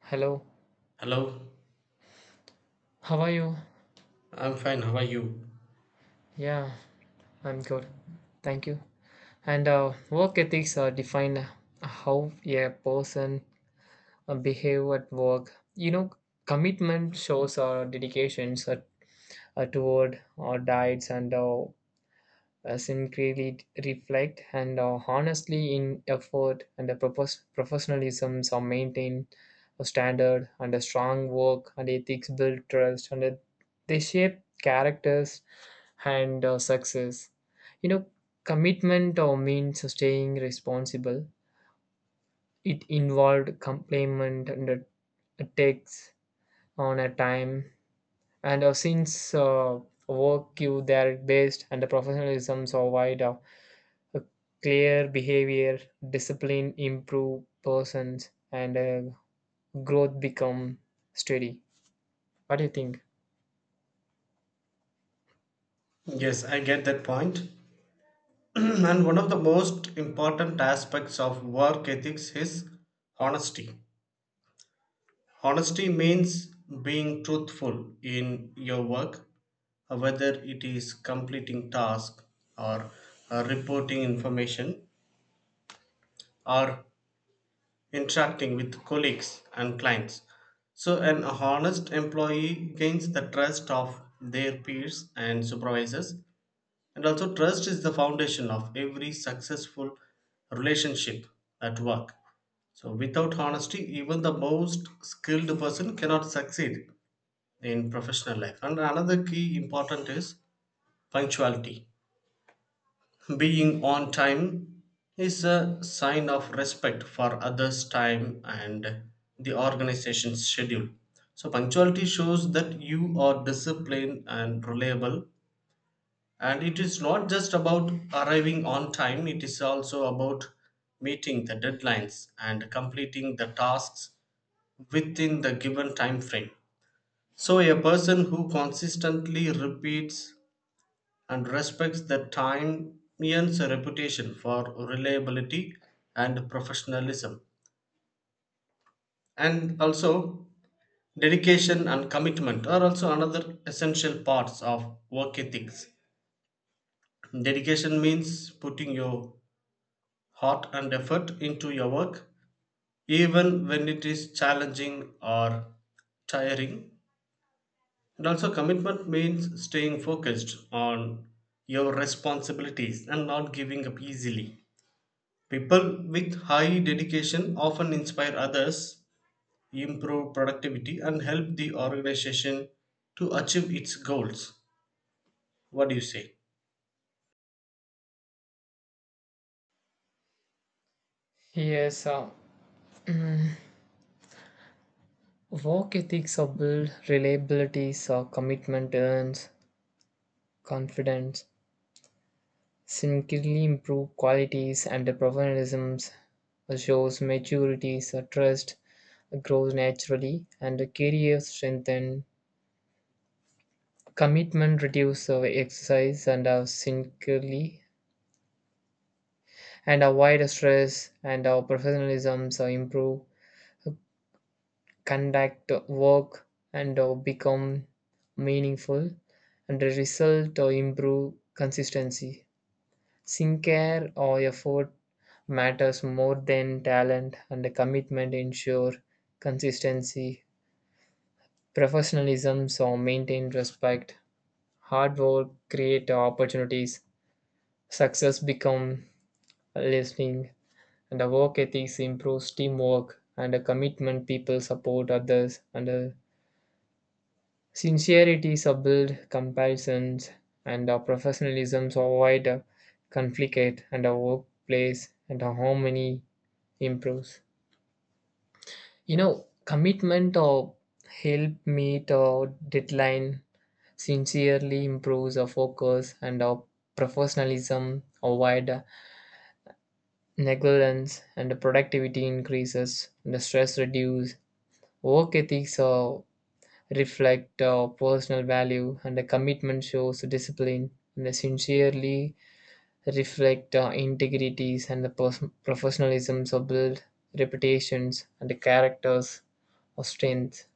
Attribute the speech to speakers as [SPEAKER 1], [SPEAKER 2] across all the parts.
[SPEAKER 1] Hello,
[SPEAKER 2] Hello,
[SPEAKER 1] how are you?
[SPEAKER 2] I'm fine. How are you?
[SPEAKER 1] Yeah, I'm good. Thank you. And work ethics define how a person behave at work. Commitment shows our dedications toward our diets and sincerely reflect and honestly in effort and the professionalism are maintained a standard, and a strong work and ethics build trust, and they shape characters and success. You know, commitment means staying responsible. It involved commitment and it takes on a time. And since Work you there based and the professionalism provide a clear behavior, discipline improve persons, and growth become steady. What do you think?
[SPEAKER 2] Yes, I get that point. And one of the most important aspects of work ethics is honesty. Honesty means being truthful in your work, whether it is completing tasks or reporting information or interacting with colleagues and clients. So, an honest employee gains the trust of their peers and supervisors. And also, trust is the foundation of every successful relationship at work. So, without honesty, even the most skilled person cannot succeed in professional life. And another key important is punctuality. Being on time is a sign of respect for others' time and the organization's schedule. So, punctuality shows that you are disciplined and reliable, and it is not just about arriving on time, it is also about meeting the deadlines and completing the tasks within the given time frame. So a person who consistently repeats and respects the time earns a reputation for reliability and professionalism. And also, dedication and commitment are also another essential parts of work ethics. Dedication means putting your heart and effort into your work, even when it is challenging or tiring. And also, commitment means staying focused on your responsibilities and not giving up easily. People with high dedication often inspire others, improve productivity, and help the organization to achieve its goals. What do you say?
[SPEAKER 1] Yes, work ethics are build reliabilities or commitment earns confidence, significantly improve qualities and the professionalism shows maturity, so trust grows naturally, and the career strengthen, commitment reduce our exercise and our sincerely, and avoid stress and our professionalism so improve, conduct work and become meaningful, and the result or improve consistency. Sincere or effort matters more than talent, and the commitment ensure consistency. Professionalism so maintain respect. Hard work create opportunities. Success become listening, and the work ethics improves teamwork and the commitment. People support others and sincerity subtle comparisons and our professionalism so avoid conflict and our workplace and our harmony improves. Commitment or help meet or deadline sincerely improves our focus and our professionalism avoid negligence and the productivity increases and the stress reduce. Work ethics are reflect personal value and the commitment shows discipline and the sincerely reflect integrities and the professionalisms of build reputations and the characters or strength.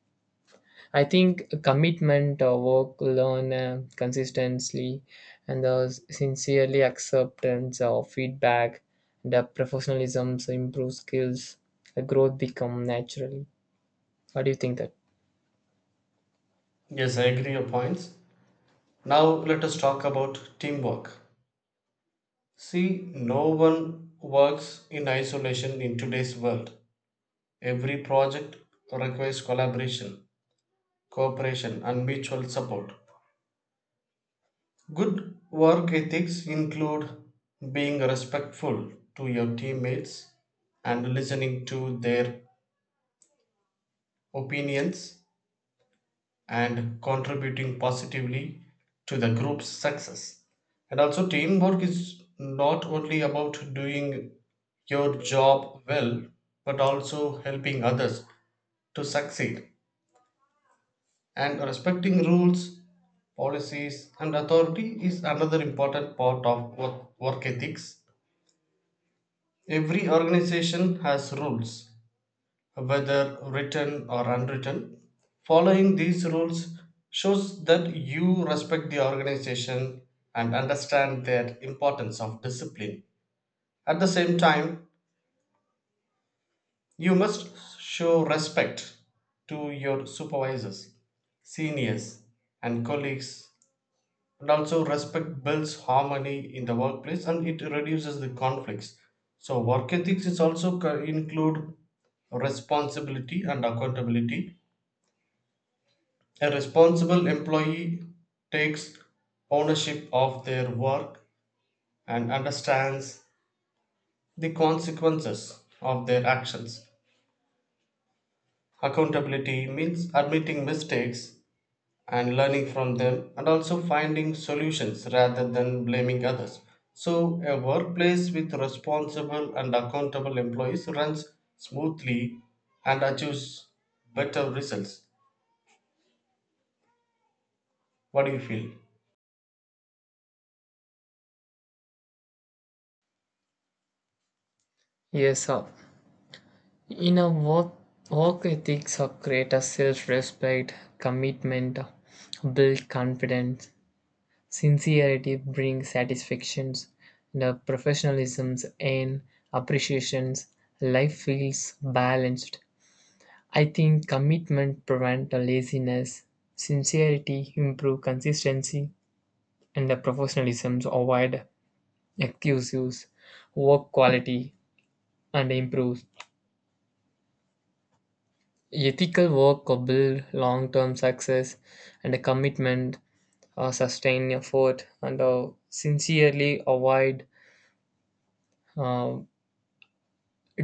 [SPEAKER 1] I think commitment or work learn consistently and the sincerely acceptance of feedback and the professionalisms improve skills, the growth become naturally. What do you think that?
[SPEAKER 2] Yes, I agree your points. Now let us talk about teamwork. See, no one works in isolation in today's world. Every project requires collaboration, cooperation, and mutual support. Good work ethics include being respectful to your teammates and listening to their opinions and contributing positively to the group's success. And also, teamwork is not only about doing your job well, but also helping others to succeed. And respecting rules, policies, and authority is another important part of work ethics. Every organization has rules, whether written or unwritten. Following these rules shows that you respect the organization and understand the importance of discipline. At the same time, you must show respect to your supervisors, seniors, and colleagues. And also, respect builds harmony in the workplace and it reduces the conflicts. So, work ethics is also include responsibility and accountability. A responsible employee takes ownership of their work and understands the consequences of their actions. Accountability means admitting mistakes and learning from them, and also finding solutions rather than blaming others. So, a workplace with responsible and accountable employees runs smoothly and achieves better results. What do you feel?
[SPEAKER 1] Yes, sir. In a work ethics or create a self-respect, commitment, build confidence, sincerity bring satisfactions, the professionalisms and appreciations, life feels balanced. I think commitment prevent the laziness, sincerity improve consistency, and the professionalisms avoid excuse use, work quality and improves. Ethical work could build long term success and a commitment, sustained effort, and sincerely avoid uh,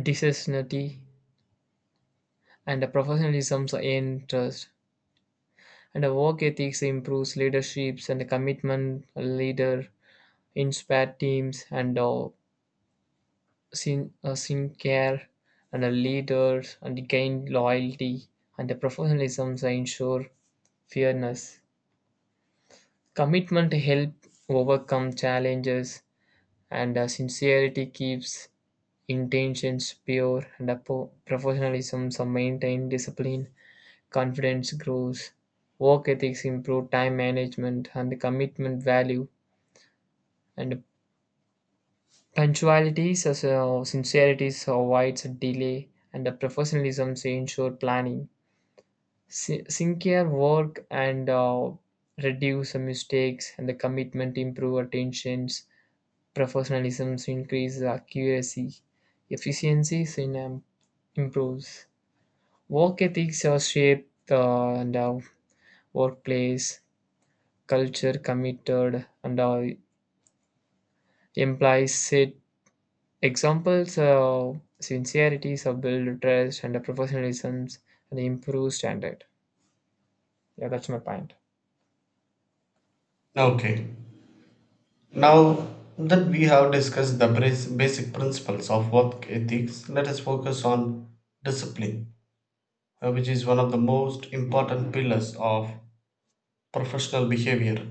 [SPEAKER 1] dishonesty and the professionalism's in trust. And the work ethics improves leaderships and the commitment leader inspire teams and sincere and the leaders and gain loyalty and the professionalism ensure fairness. Commitment helps overcome challenges, and sincerity keeps intentions pure, and professionalism some maintain discipline, confidence grows, work ethics improve time management, and the commitment value, and punctuality, so sincerity avoids delay, and the professionalism ensure planning. Sincere work, and reduce mistakes, and the commitment improve attentions. Professionalism increases accuracy, efficiency in improves. Work ethics are shaped and workplace culture committed and implies it. Examples of sincerity, so build trust and professionalism and improve standard. Yeah, that's my point.
[SPEAKER 2] Okay. Now that we have discussed the basic principles of work ethics, let us focus on discipline, which is one of the most important pillars of professional behavior.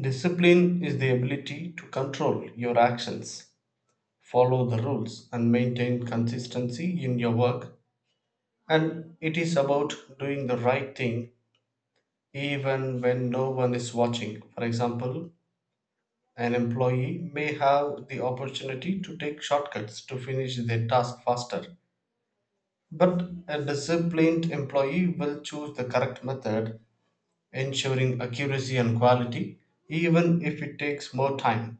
[SPEAKER 2] Discipline is the ability to control your actions, follow the rules, and maintain consistency in your work. And it is about doing the right thing even when no one is watching. For example, an employee may have the opportunity to take shortcuts to finish their task faster, but a disciplined employee will choose the correct method, ensuring accuracy and quality, even if it takes more time.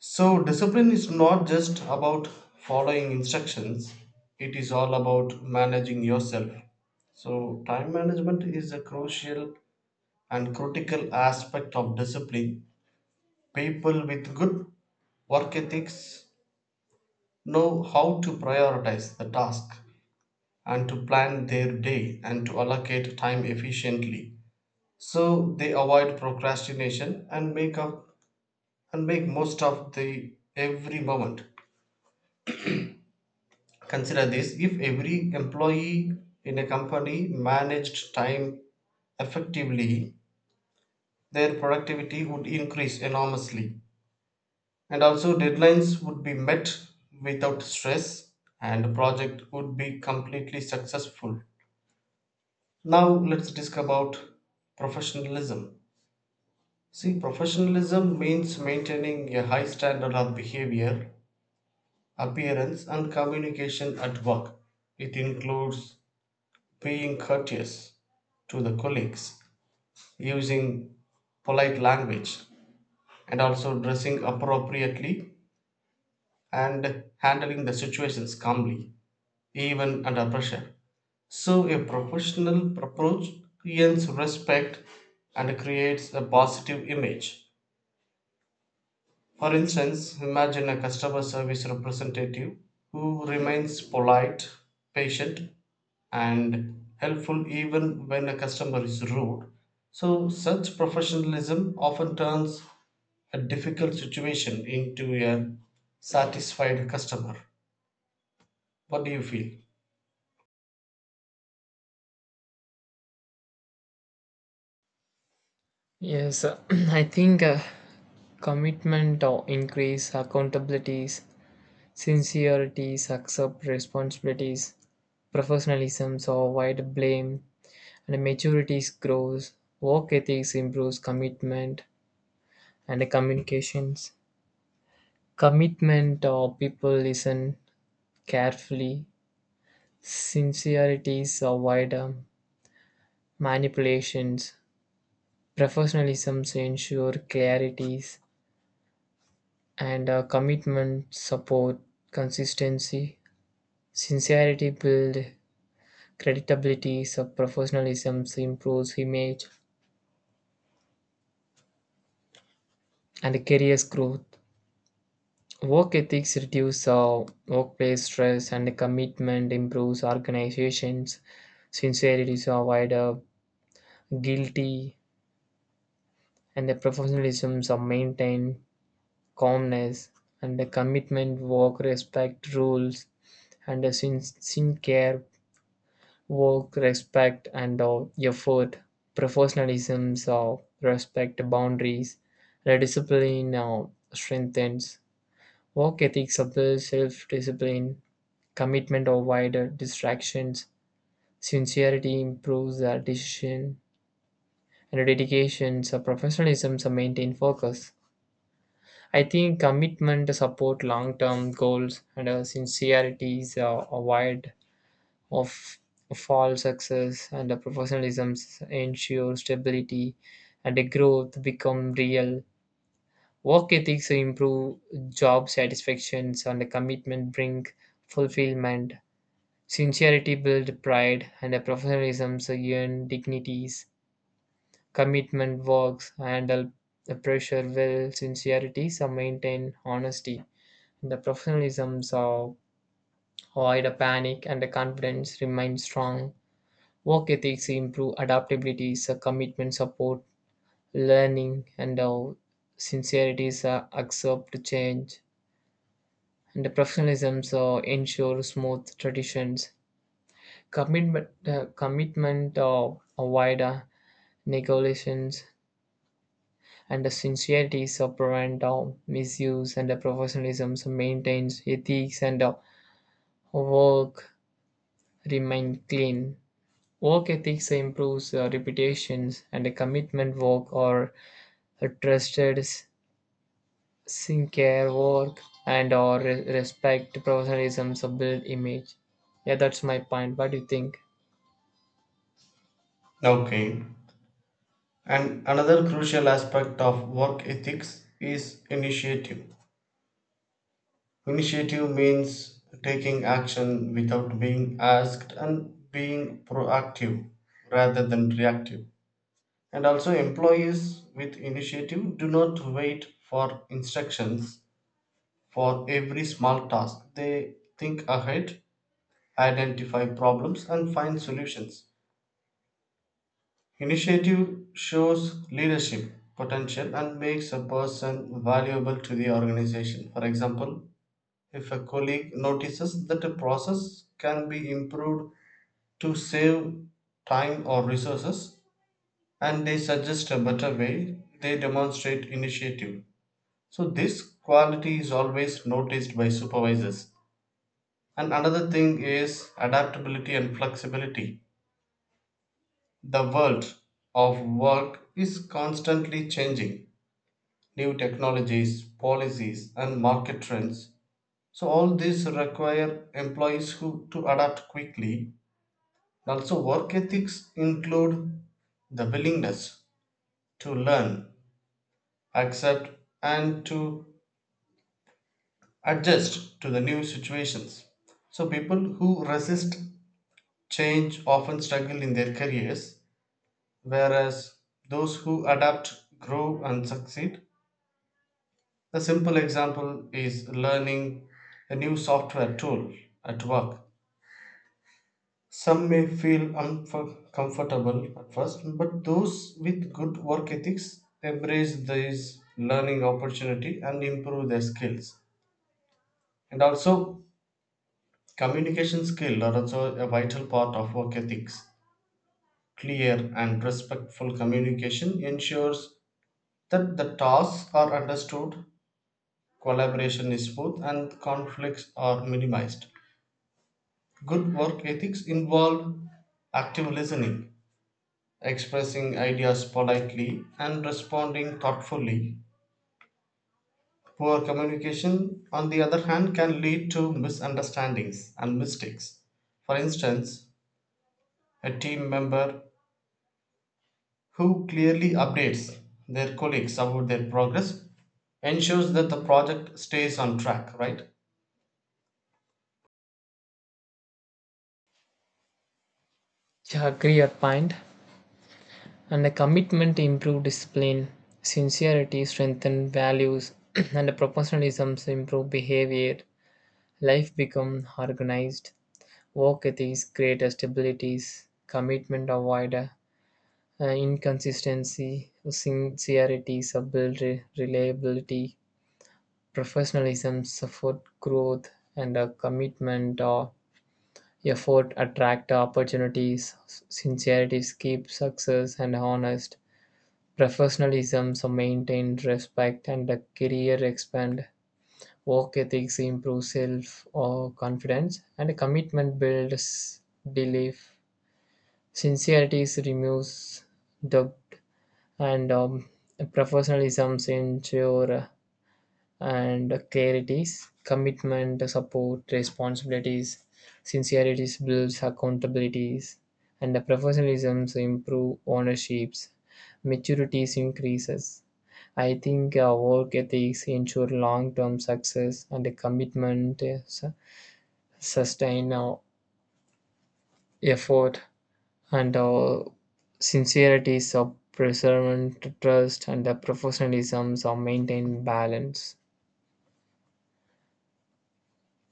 [SPEAKER 2] So, discipline is not just about following instructions, it is all about managing yourself. So, time management is a crucial and critical aspect of discipline. People with good work ethics know how to prioritize the task and to plan their day and to allocate time efficiently, so they avoid procrastination and make up and make most of the every moment. Consider this: if every employee in a company managed time effectively, their productivity would increase enormously, and also deadlines would be met without stress, and project would be completely successful. Now let's discuss about professionalism. See, professionalism means maintaining a high standard of behavior, appearance, and communication at work. It includes being courteous to the colleagues, using polite language, and also dressing appropriately and handling the situations calmly, even under pressure. So, a professional approach gains respect and creates a positive image. For instance, imagine a customer service representative who remains polite, patient, and helpful even when a customer is rude. So, such professionalism often turns a difficult situation into a satisfied customer. What do you feel?
[SPEAKER 1] Yes, I think commitment or increase accountabilities. Sincerity accept responsibilities, professionalism so avoid blame, and maturity grows. Work ethics improves commitment and communications. Commitment or people listen carefully. Sincerity avoid manipulations. Professionalism ensure clarities and commitment support consistency. Sincerity build credibility, so professionalism improves image and career growth. Work ethics reduce workplace stress and commitment improves organizations. Sincerity is avoided, guilty, and the professionalism are maintained, calmness, and the commitment, work, respect, rules, and the sin care. Work, respect, and effort, professionalism, respect boundaries, the discipline strengthens. Work ethics of the self discipline, commitment of wider distractions, sincerity improves our decision, and dedication, so professionalism, so maintain focus. I think commitment to support long term goals and sincerity is avoid of fall success and the professionalism ensure stability and the growth become real. Work ethics improve job satisfactions and the commitment bring fulfillment. Sincerity build pride and the professionalism earn dignities. Commitment works handle the pressure well, sincerity so maintain honesty. The professionalism so avoid a panic and the confidence remain strong. Work ethics improve adaptability, so commitment support, learning, and sincerity so accept change. And the professionalism so ensure smooth traditions. Commitment avoid negotiations, and the sincerity so prevent misuse, and the professionalism so maintains ethics and work remain clean. Work ethics improves reputations, and the commitment work or trusted sincere work and or respect professionalism so build image. Yeah, that's my point. What do you think?
[SPEAKER 2] Okay. And another crucial aspect of work ethics is initiative. Initiative means taking action without being asked and being proactive rather than reactive. And also, employees with initiative do not wait for instructions for every small task. They think ahead, identify problems, and find solutions. Initiative shows leadership potential and makes a person valuable to the organization. For example, if a colleague notices that a process can be improved to save time or resources and they suggest a better way, they demonstrate initiative. So, this quality is always noticed by supervisors. And another thing is adaptability and flexibility. The world of work is constantly changing: new technologies, policies, and market trends. So, all these require employees who to adapt quickly. Also, work ethics include the willingness to learn, accept, and to adjust to the new situations. So, people who resist change often struggle in their careers, whereas those who adapt grow and succeed. A simple example is learning a new software tool at work. Some may feel uncomfortable at first, but those with good work ethics embrace this learning opportunity and improve their skills. And also, communication skills are also a vital part of work ethics. Clear and respectful communication ensures that the tasks are understood, collaboration is smooth, and conflicts are minimized. Good work ethics involve active listening, expressing ideas politely, and responding thoughtfully. Poor communication, on the other hand, can lead to misunderstandings and mistakes. For instance, a team member who clearly updates their colleagues about their progress ensures that the project stays on track, right?
[SPEAKER 1] Yeah, agree your point. And the commitment to improve discipline, sincerity, strengthen values, and the professionalism to improve behavior. Life become organized. Work ethics create stabilities. Commitment avoid inconsistency. Sincerity so build reliability, professionalism, support growth, and a commitment or effort attract opportunities. Sincerity keeps success and honest. Professionalism so maintain respect and a career expand. Work ethics improve self or confidence and commitment builds belief. Sincerity removes doubt and professionalism ensure and clarities, commitment, support, responsibilities, sincerities builds accountabilities, and the professionalisms improve ownerships, maturities increases. I think work ethics ensure long-term success and the commitment sustain effort and sincerities of preservant trust and the professionalisms are maintain balance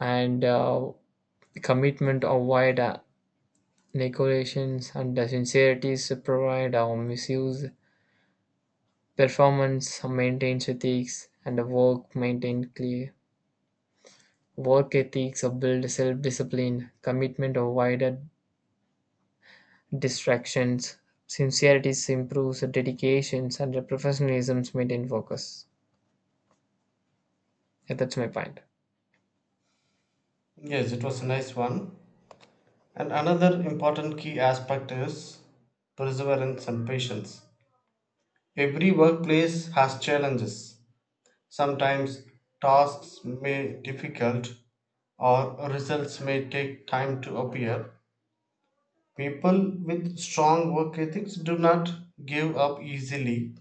[SPEAKER 1] and the commitment of wide negotiations and the sincerity to provide or misuse performance maintains ethics and the work maintained clear. Work ethics build self-discipline, commitment or distractions, sincerity improves dedications and the professionalism maintain focus. Yeah, that's my point.
[SPEAKER 2] Yes, it was a nice one. And another important key aspect is perseverance and patience. Every workplace has challenges. Sometimes tasks may difficult or results may take time to appear. People with strong work ethics do not give up easily.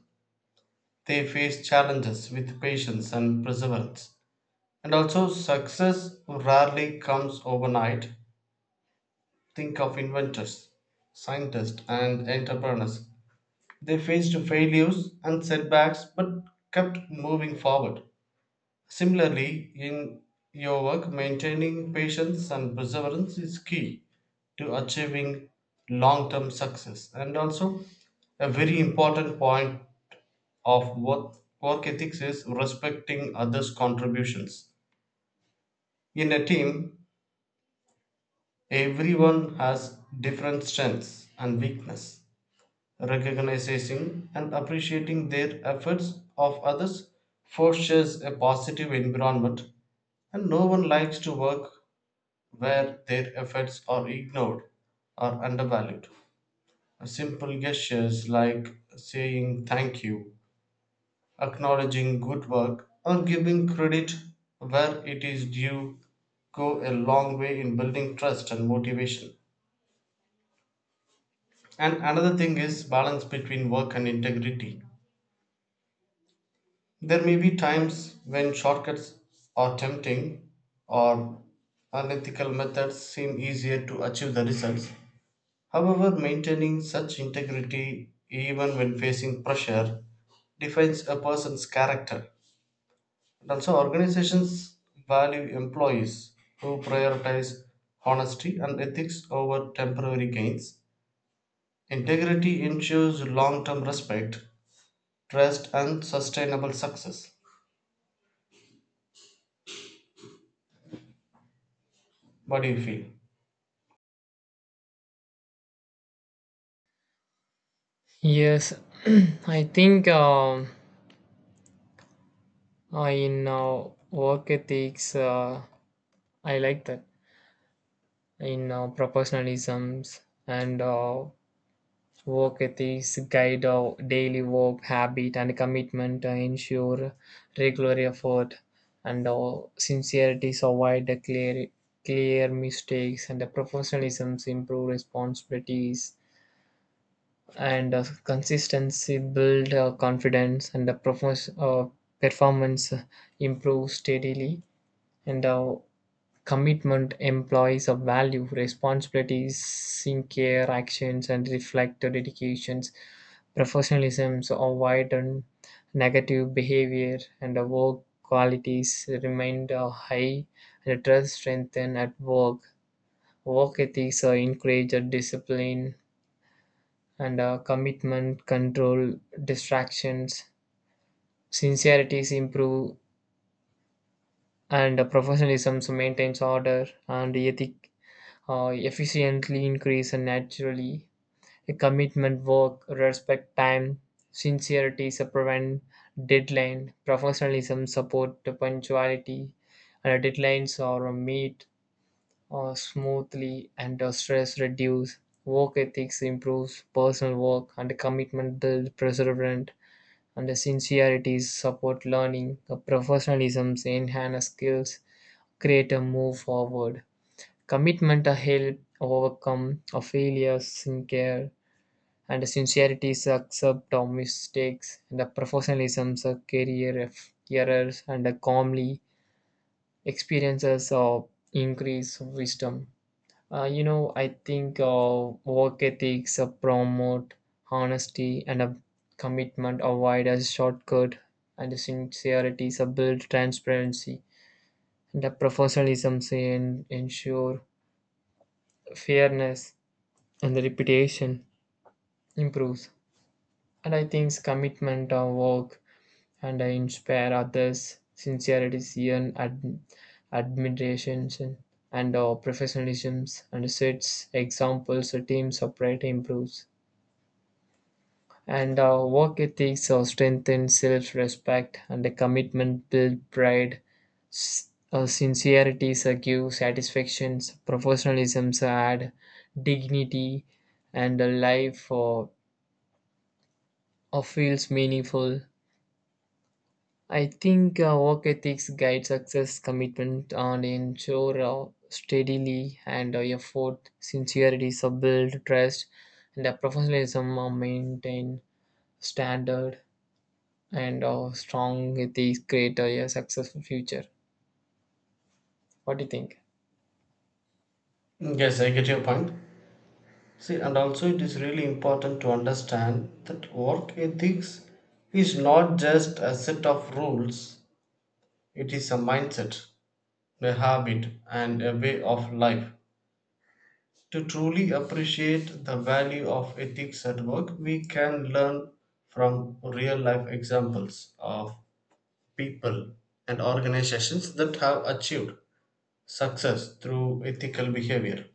[SPEAKER 2] They face challenges with patience and perseverance. And also, success rarely comes overnight. Think of inventors, scientists, and entrepreneurs. They faced failures and setbacks but kept moving forward. Similarly, in your work, maintaining patience and perseverance is key to achieving long term success. And also, a very important point of work ethics is respecting others' contributions. In a team, everyone has different strengths and weakness. Recognizing and appreciating their efforts of others fosters a positive environment, and no one likes to work where their efforts are ignored or undervalued. Simple gestures like saying thank you, acknowledging good work, or giving credit where it is due go a long way in building trust and motivation. And another thing is balance between work and integrity. There may be times when shortcuts are tempting or unethical methods seem easier to achieve the results. However, maintaining such integrity, even when facing pressure, defines a person's character. And also, organizations value employees who prioritize honesty and ethics over temporary gains. Integrity ensures long term respect, trust, and sustainable success. What do you feel?
[SPEAKER 1] Yes, I think in work ethics, I like that. In proportionalisms and work ethics guide our daily work habit and commitment to ensure regular effort and sincerity to avoid the clear mistakes and the professionalisms improve responsibilities and consistency build confidence and the performance improve steadily and commitment implies a value, responsibilities, sincere actions, and reflect the dedications. Professionalism avoided negative behavior, and the work qualities remain high, and the trust strengthened at work. Work ethics encouraged discipline and commitment, control distractions. Sincerity is and professionalism maintains order, and ethic efficiently increase and naturally. A commitment, work, respect, time, sincerity, prevent deadline, professionalism, support, punctuality, and deadlines are meet smoothly and stress reduce. Work ethics improves personal work and commitment build perseverance and the sincerity support learning. The professionalism enhance skills, create a move forward. Commitment a help overcome a failures in care, and sincerity is accept of mistakes, and the professionalism is a career of errors, and a calmly experiences of increase wisdom. I think work ethics promote honesty and a commitment, avoid a shortcut, and the sincerity is a build transparency, and the professionalism say ensure fairness and the reputation improves. And I think commitment of work and I inspire others, sincerity and admiration and professionalism and sets examples a team's operator improves. And work ethics strengthen self-respect and the commitment build pride. S- Sincerity give satisfactions, professionalism add dignity and a life or feels meaningful. I think work ethics guide success, commitment, and ensure steadily and effort, sincerity, build trust, and professionalism are maintained, standard, and strong ethics create a successful future. What do you think?
[SPEAKER 2] Yes, I get your point. See, and also it is really important to understand that work ethics is not just a set of rules. It is a mindset, a habit, and a way of life. To truly appreciate the value of ethics at work, we can learn from real life examples of people and organizations that have achieved success through ethical behavior.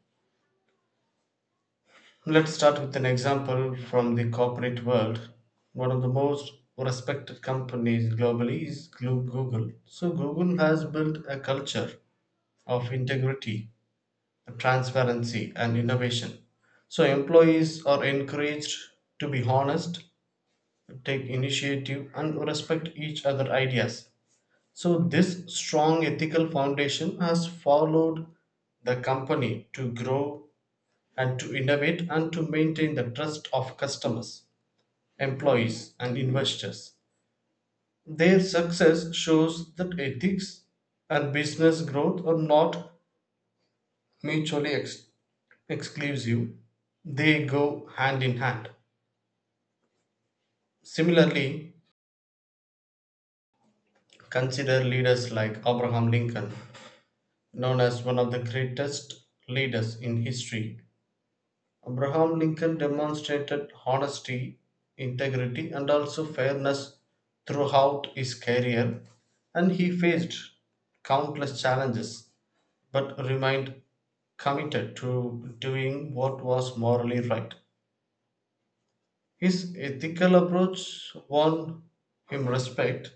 [SPEAKER 2] Let's start with an example from the corporate world. One of the most respected companies globally is Google. So, Google has built a culture of integrity, transparency, and innovation. So employees are encouraged to be honest, take initiative, and respect each other's ideas. So this strong ethical foundation has followed the company to grow and to innovate and to maintain the trust of customers, employees, and investors. Their success shows that ethics and business growth are not mutually exclusive, they go hand in hand. Similarly, consider leaders like Abraham Lincoln, known as one of the greatest leaders in history. Abraham Lincoln demonstrated honesty, integrity, and also fairness throughout his career, and he faced countless challenges but remained committed to doing what was morally right. His ethical approach won him respect,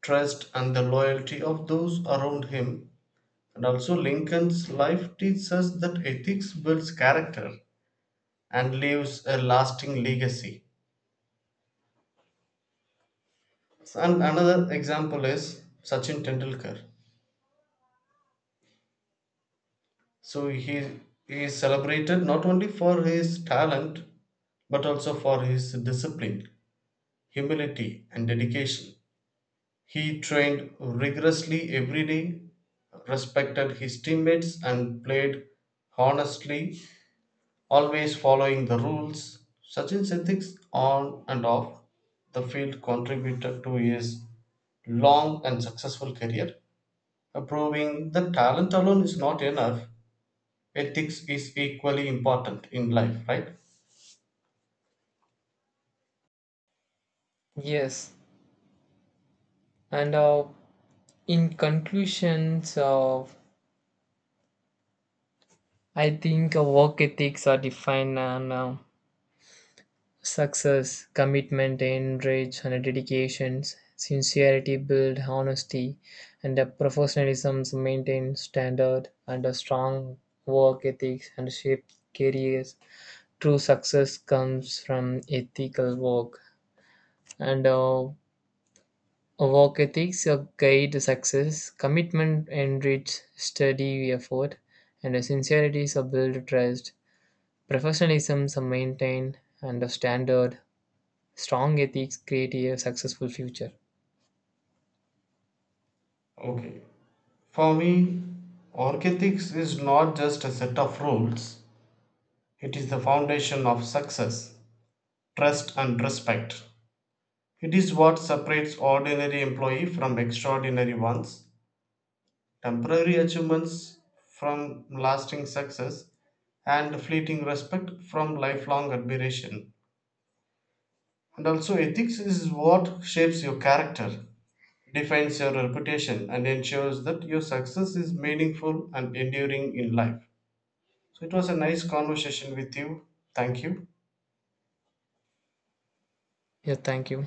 [SPEAKER 2] trust, and the loyalty of those around him. And also, Lincoln's life teaches us that ethics builds character and leaves a lasting legacy. And another example is Sachin Tendulkar. So, he is celebrated not only for his talent but also for his discipline, humility, and dedication. He trained rigorously every day, respected his teammates, and played honestly, always following the rules. Sachin's ethics on and off the field contributed to his long and successful career, proving that talent alone is not enough. Ethics is equally important in life, right?
[SPEAKER 1] Yes, and in conclusions, I think work ethics are defined and success, commitment, enrage, and dedications, sincerity build honesty, and a professionalism maintain standard, and a strong work ethics and shape careers. True success comes from ethical work, and work ethics guide success. Commitment enrich steady effort, and sincerity is a build trust. Professionalism is maintain and a standard. Strong ethics create a successful future.
[SPEAKER 2] Okay. For me, work ethics is not just a set of rules, it is the foundation of success, trust, and respect. It is what separates ordinary employees from extraordinary ones, temporary achievements from lasting success, and fleeting respect from lifelong admiration. And also, ethics is what shapes your character, defines your reputation, and ensures that your success is meaningful and enduring in life. So, it was a nice conversation with you. Thank you.
[SPEAKER 1] Yeah, thank you.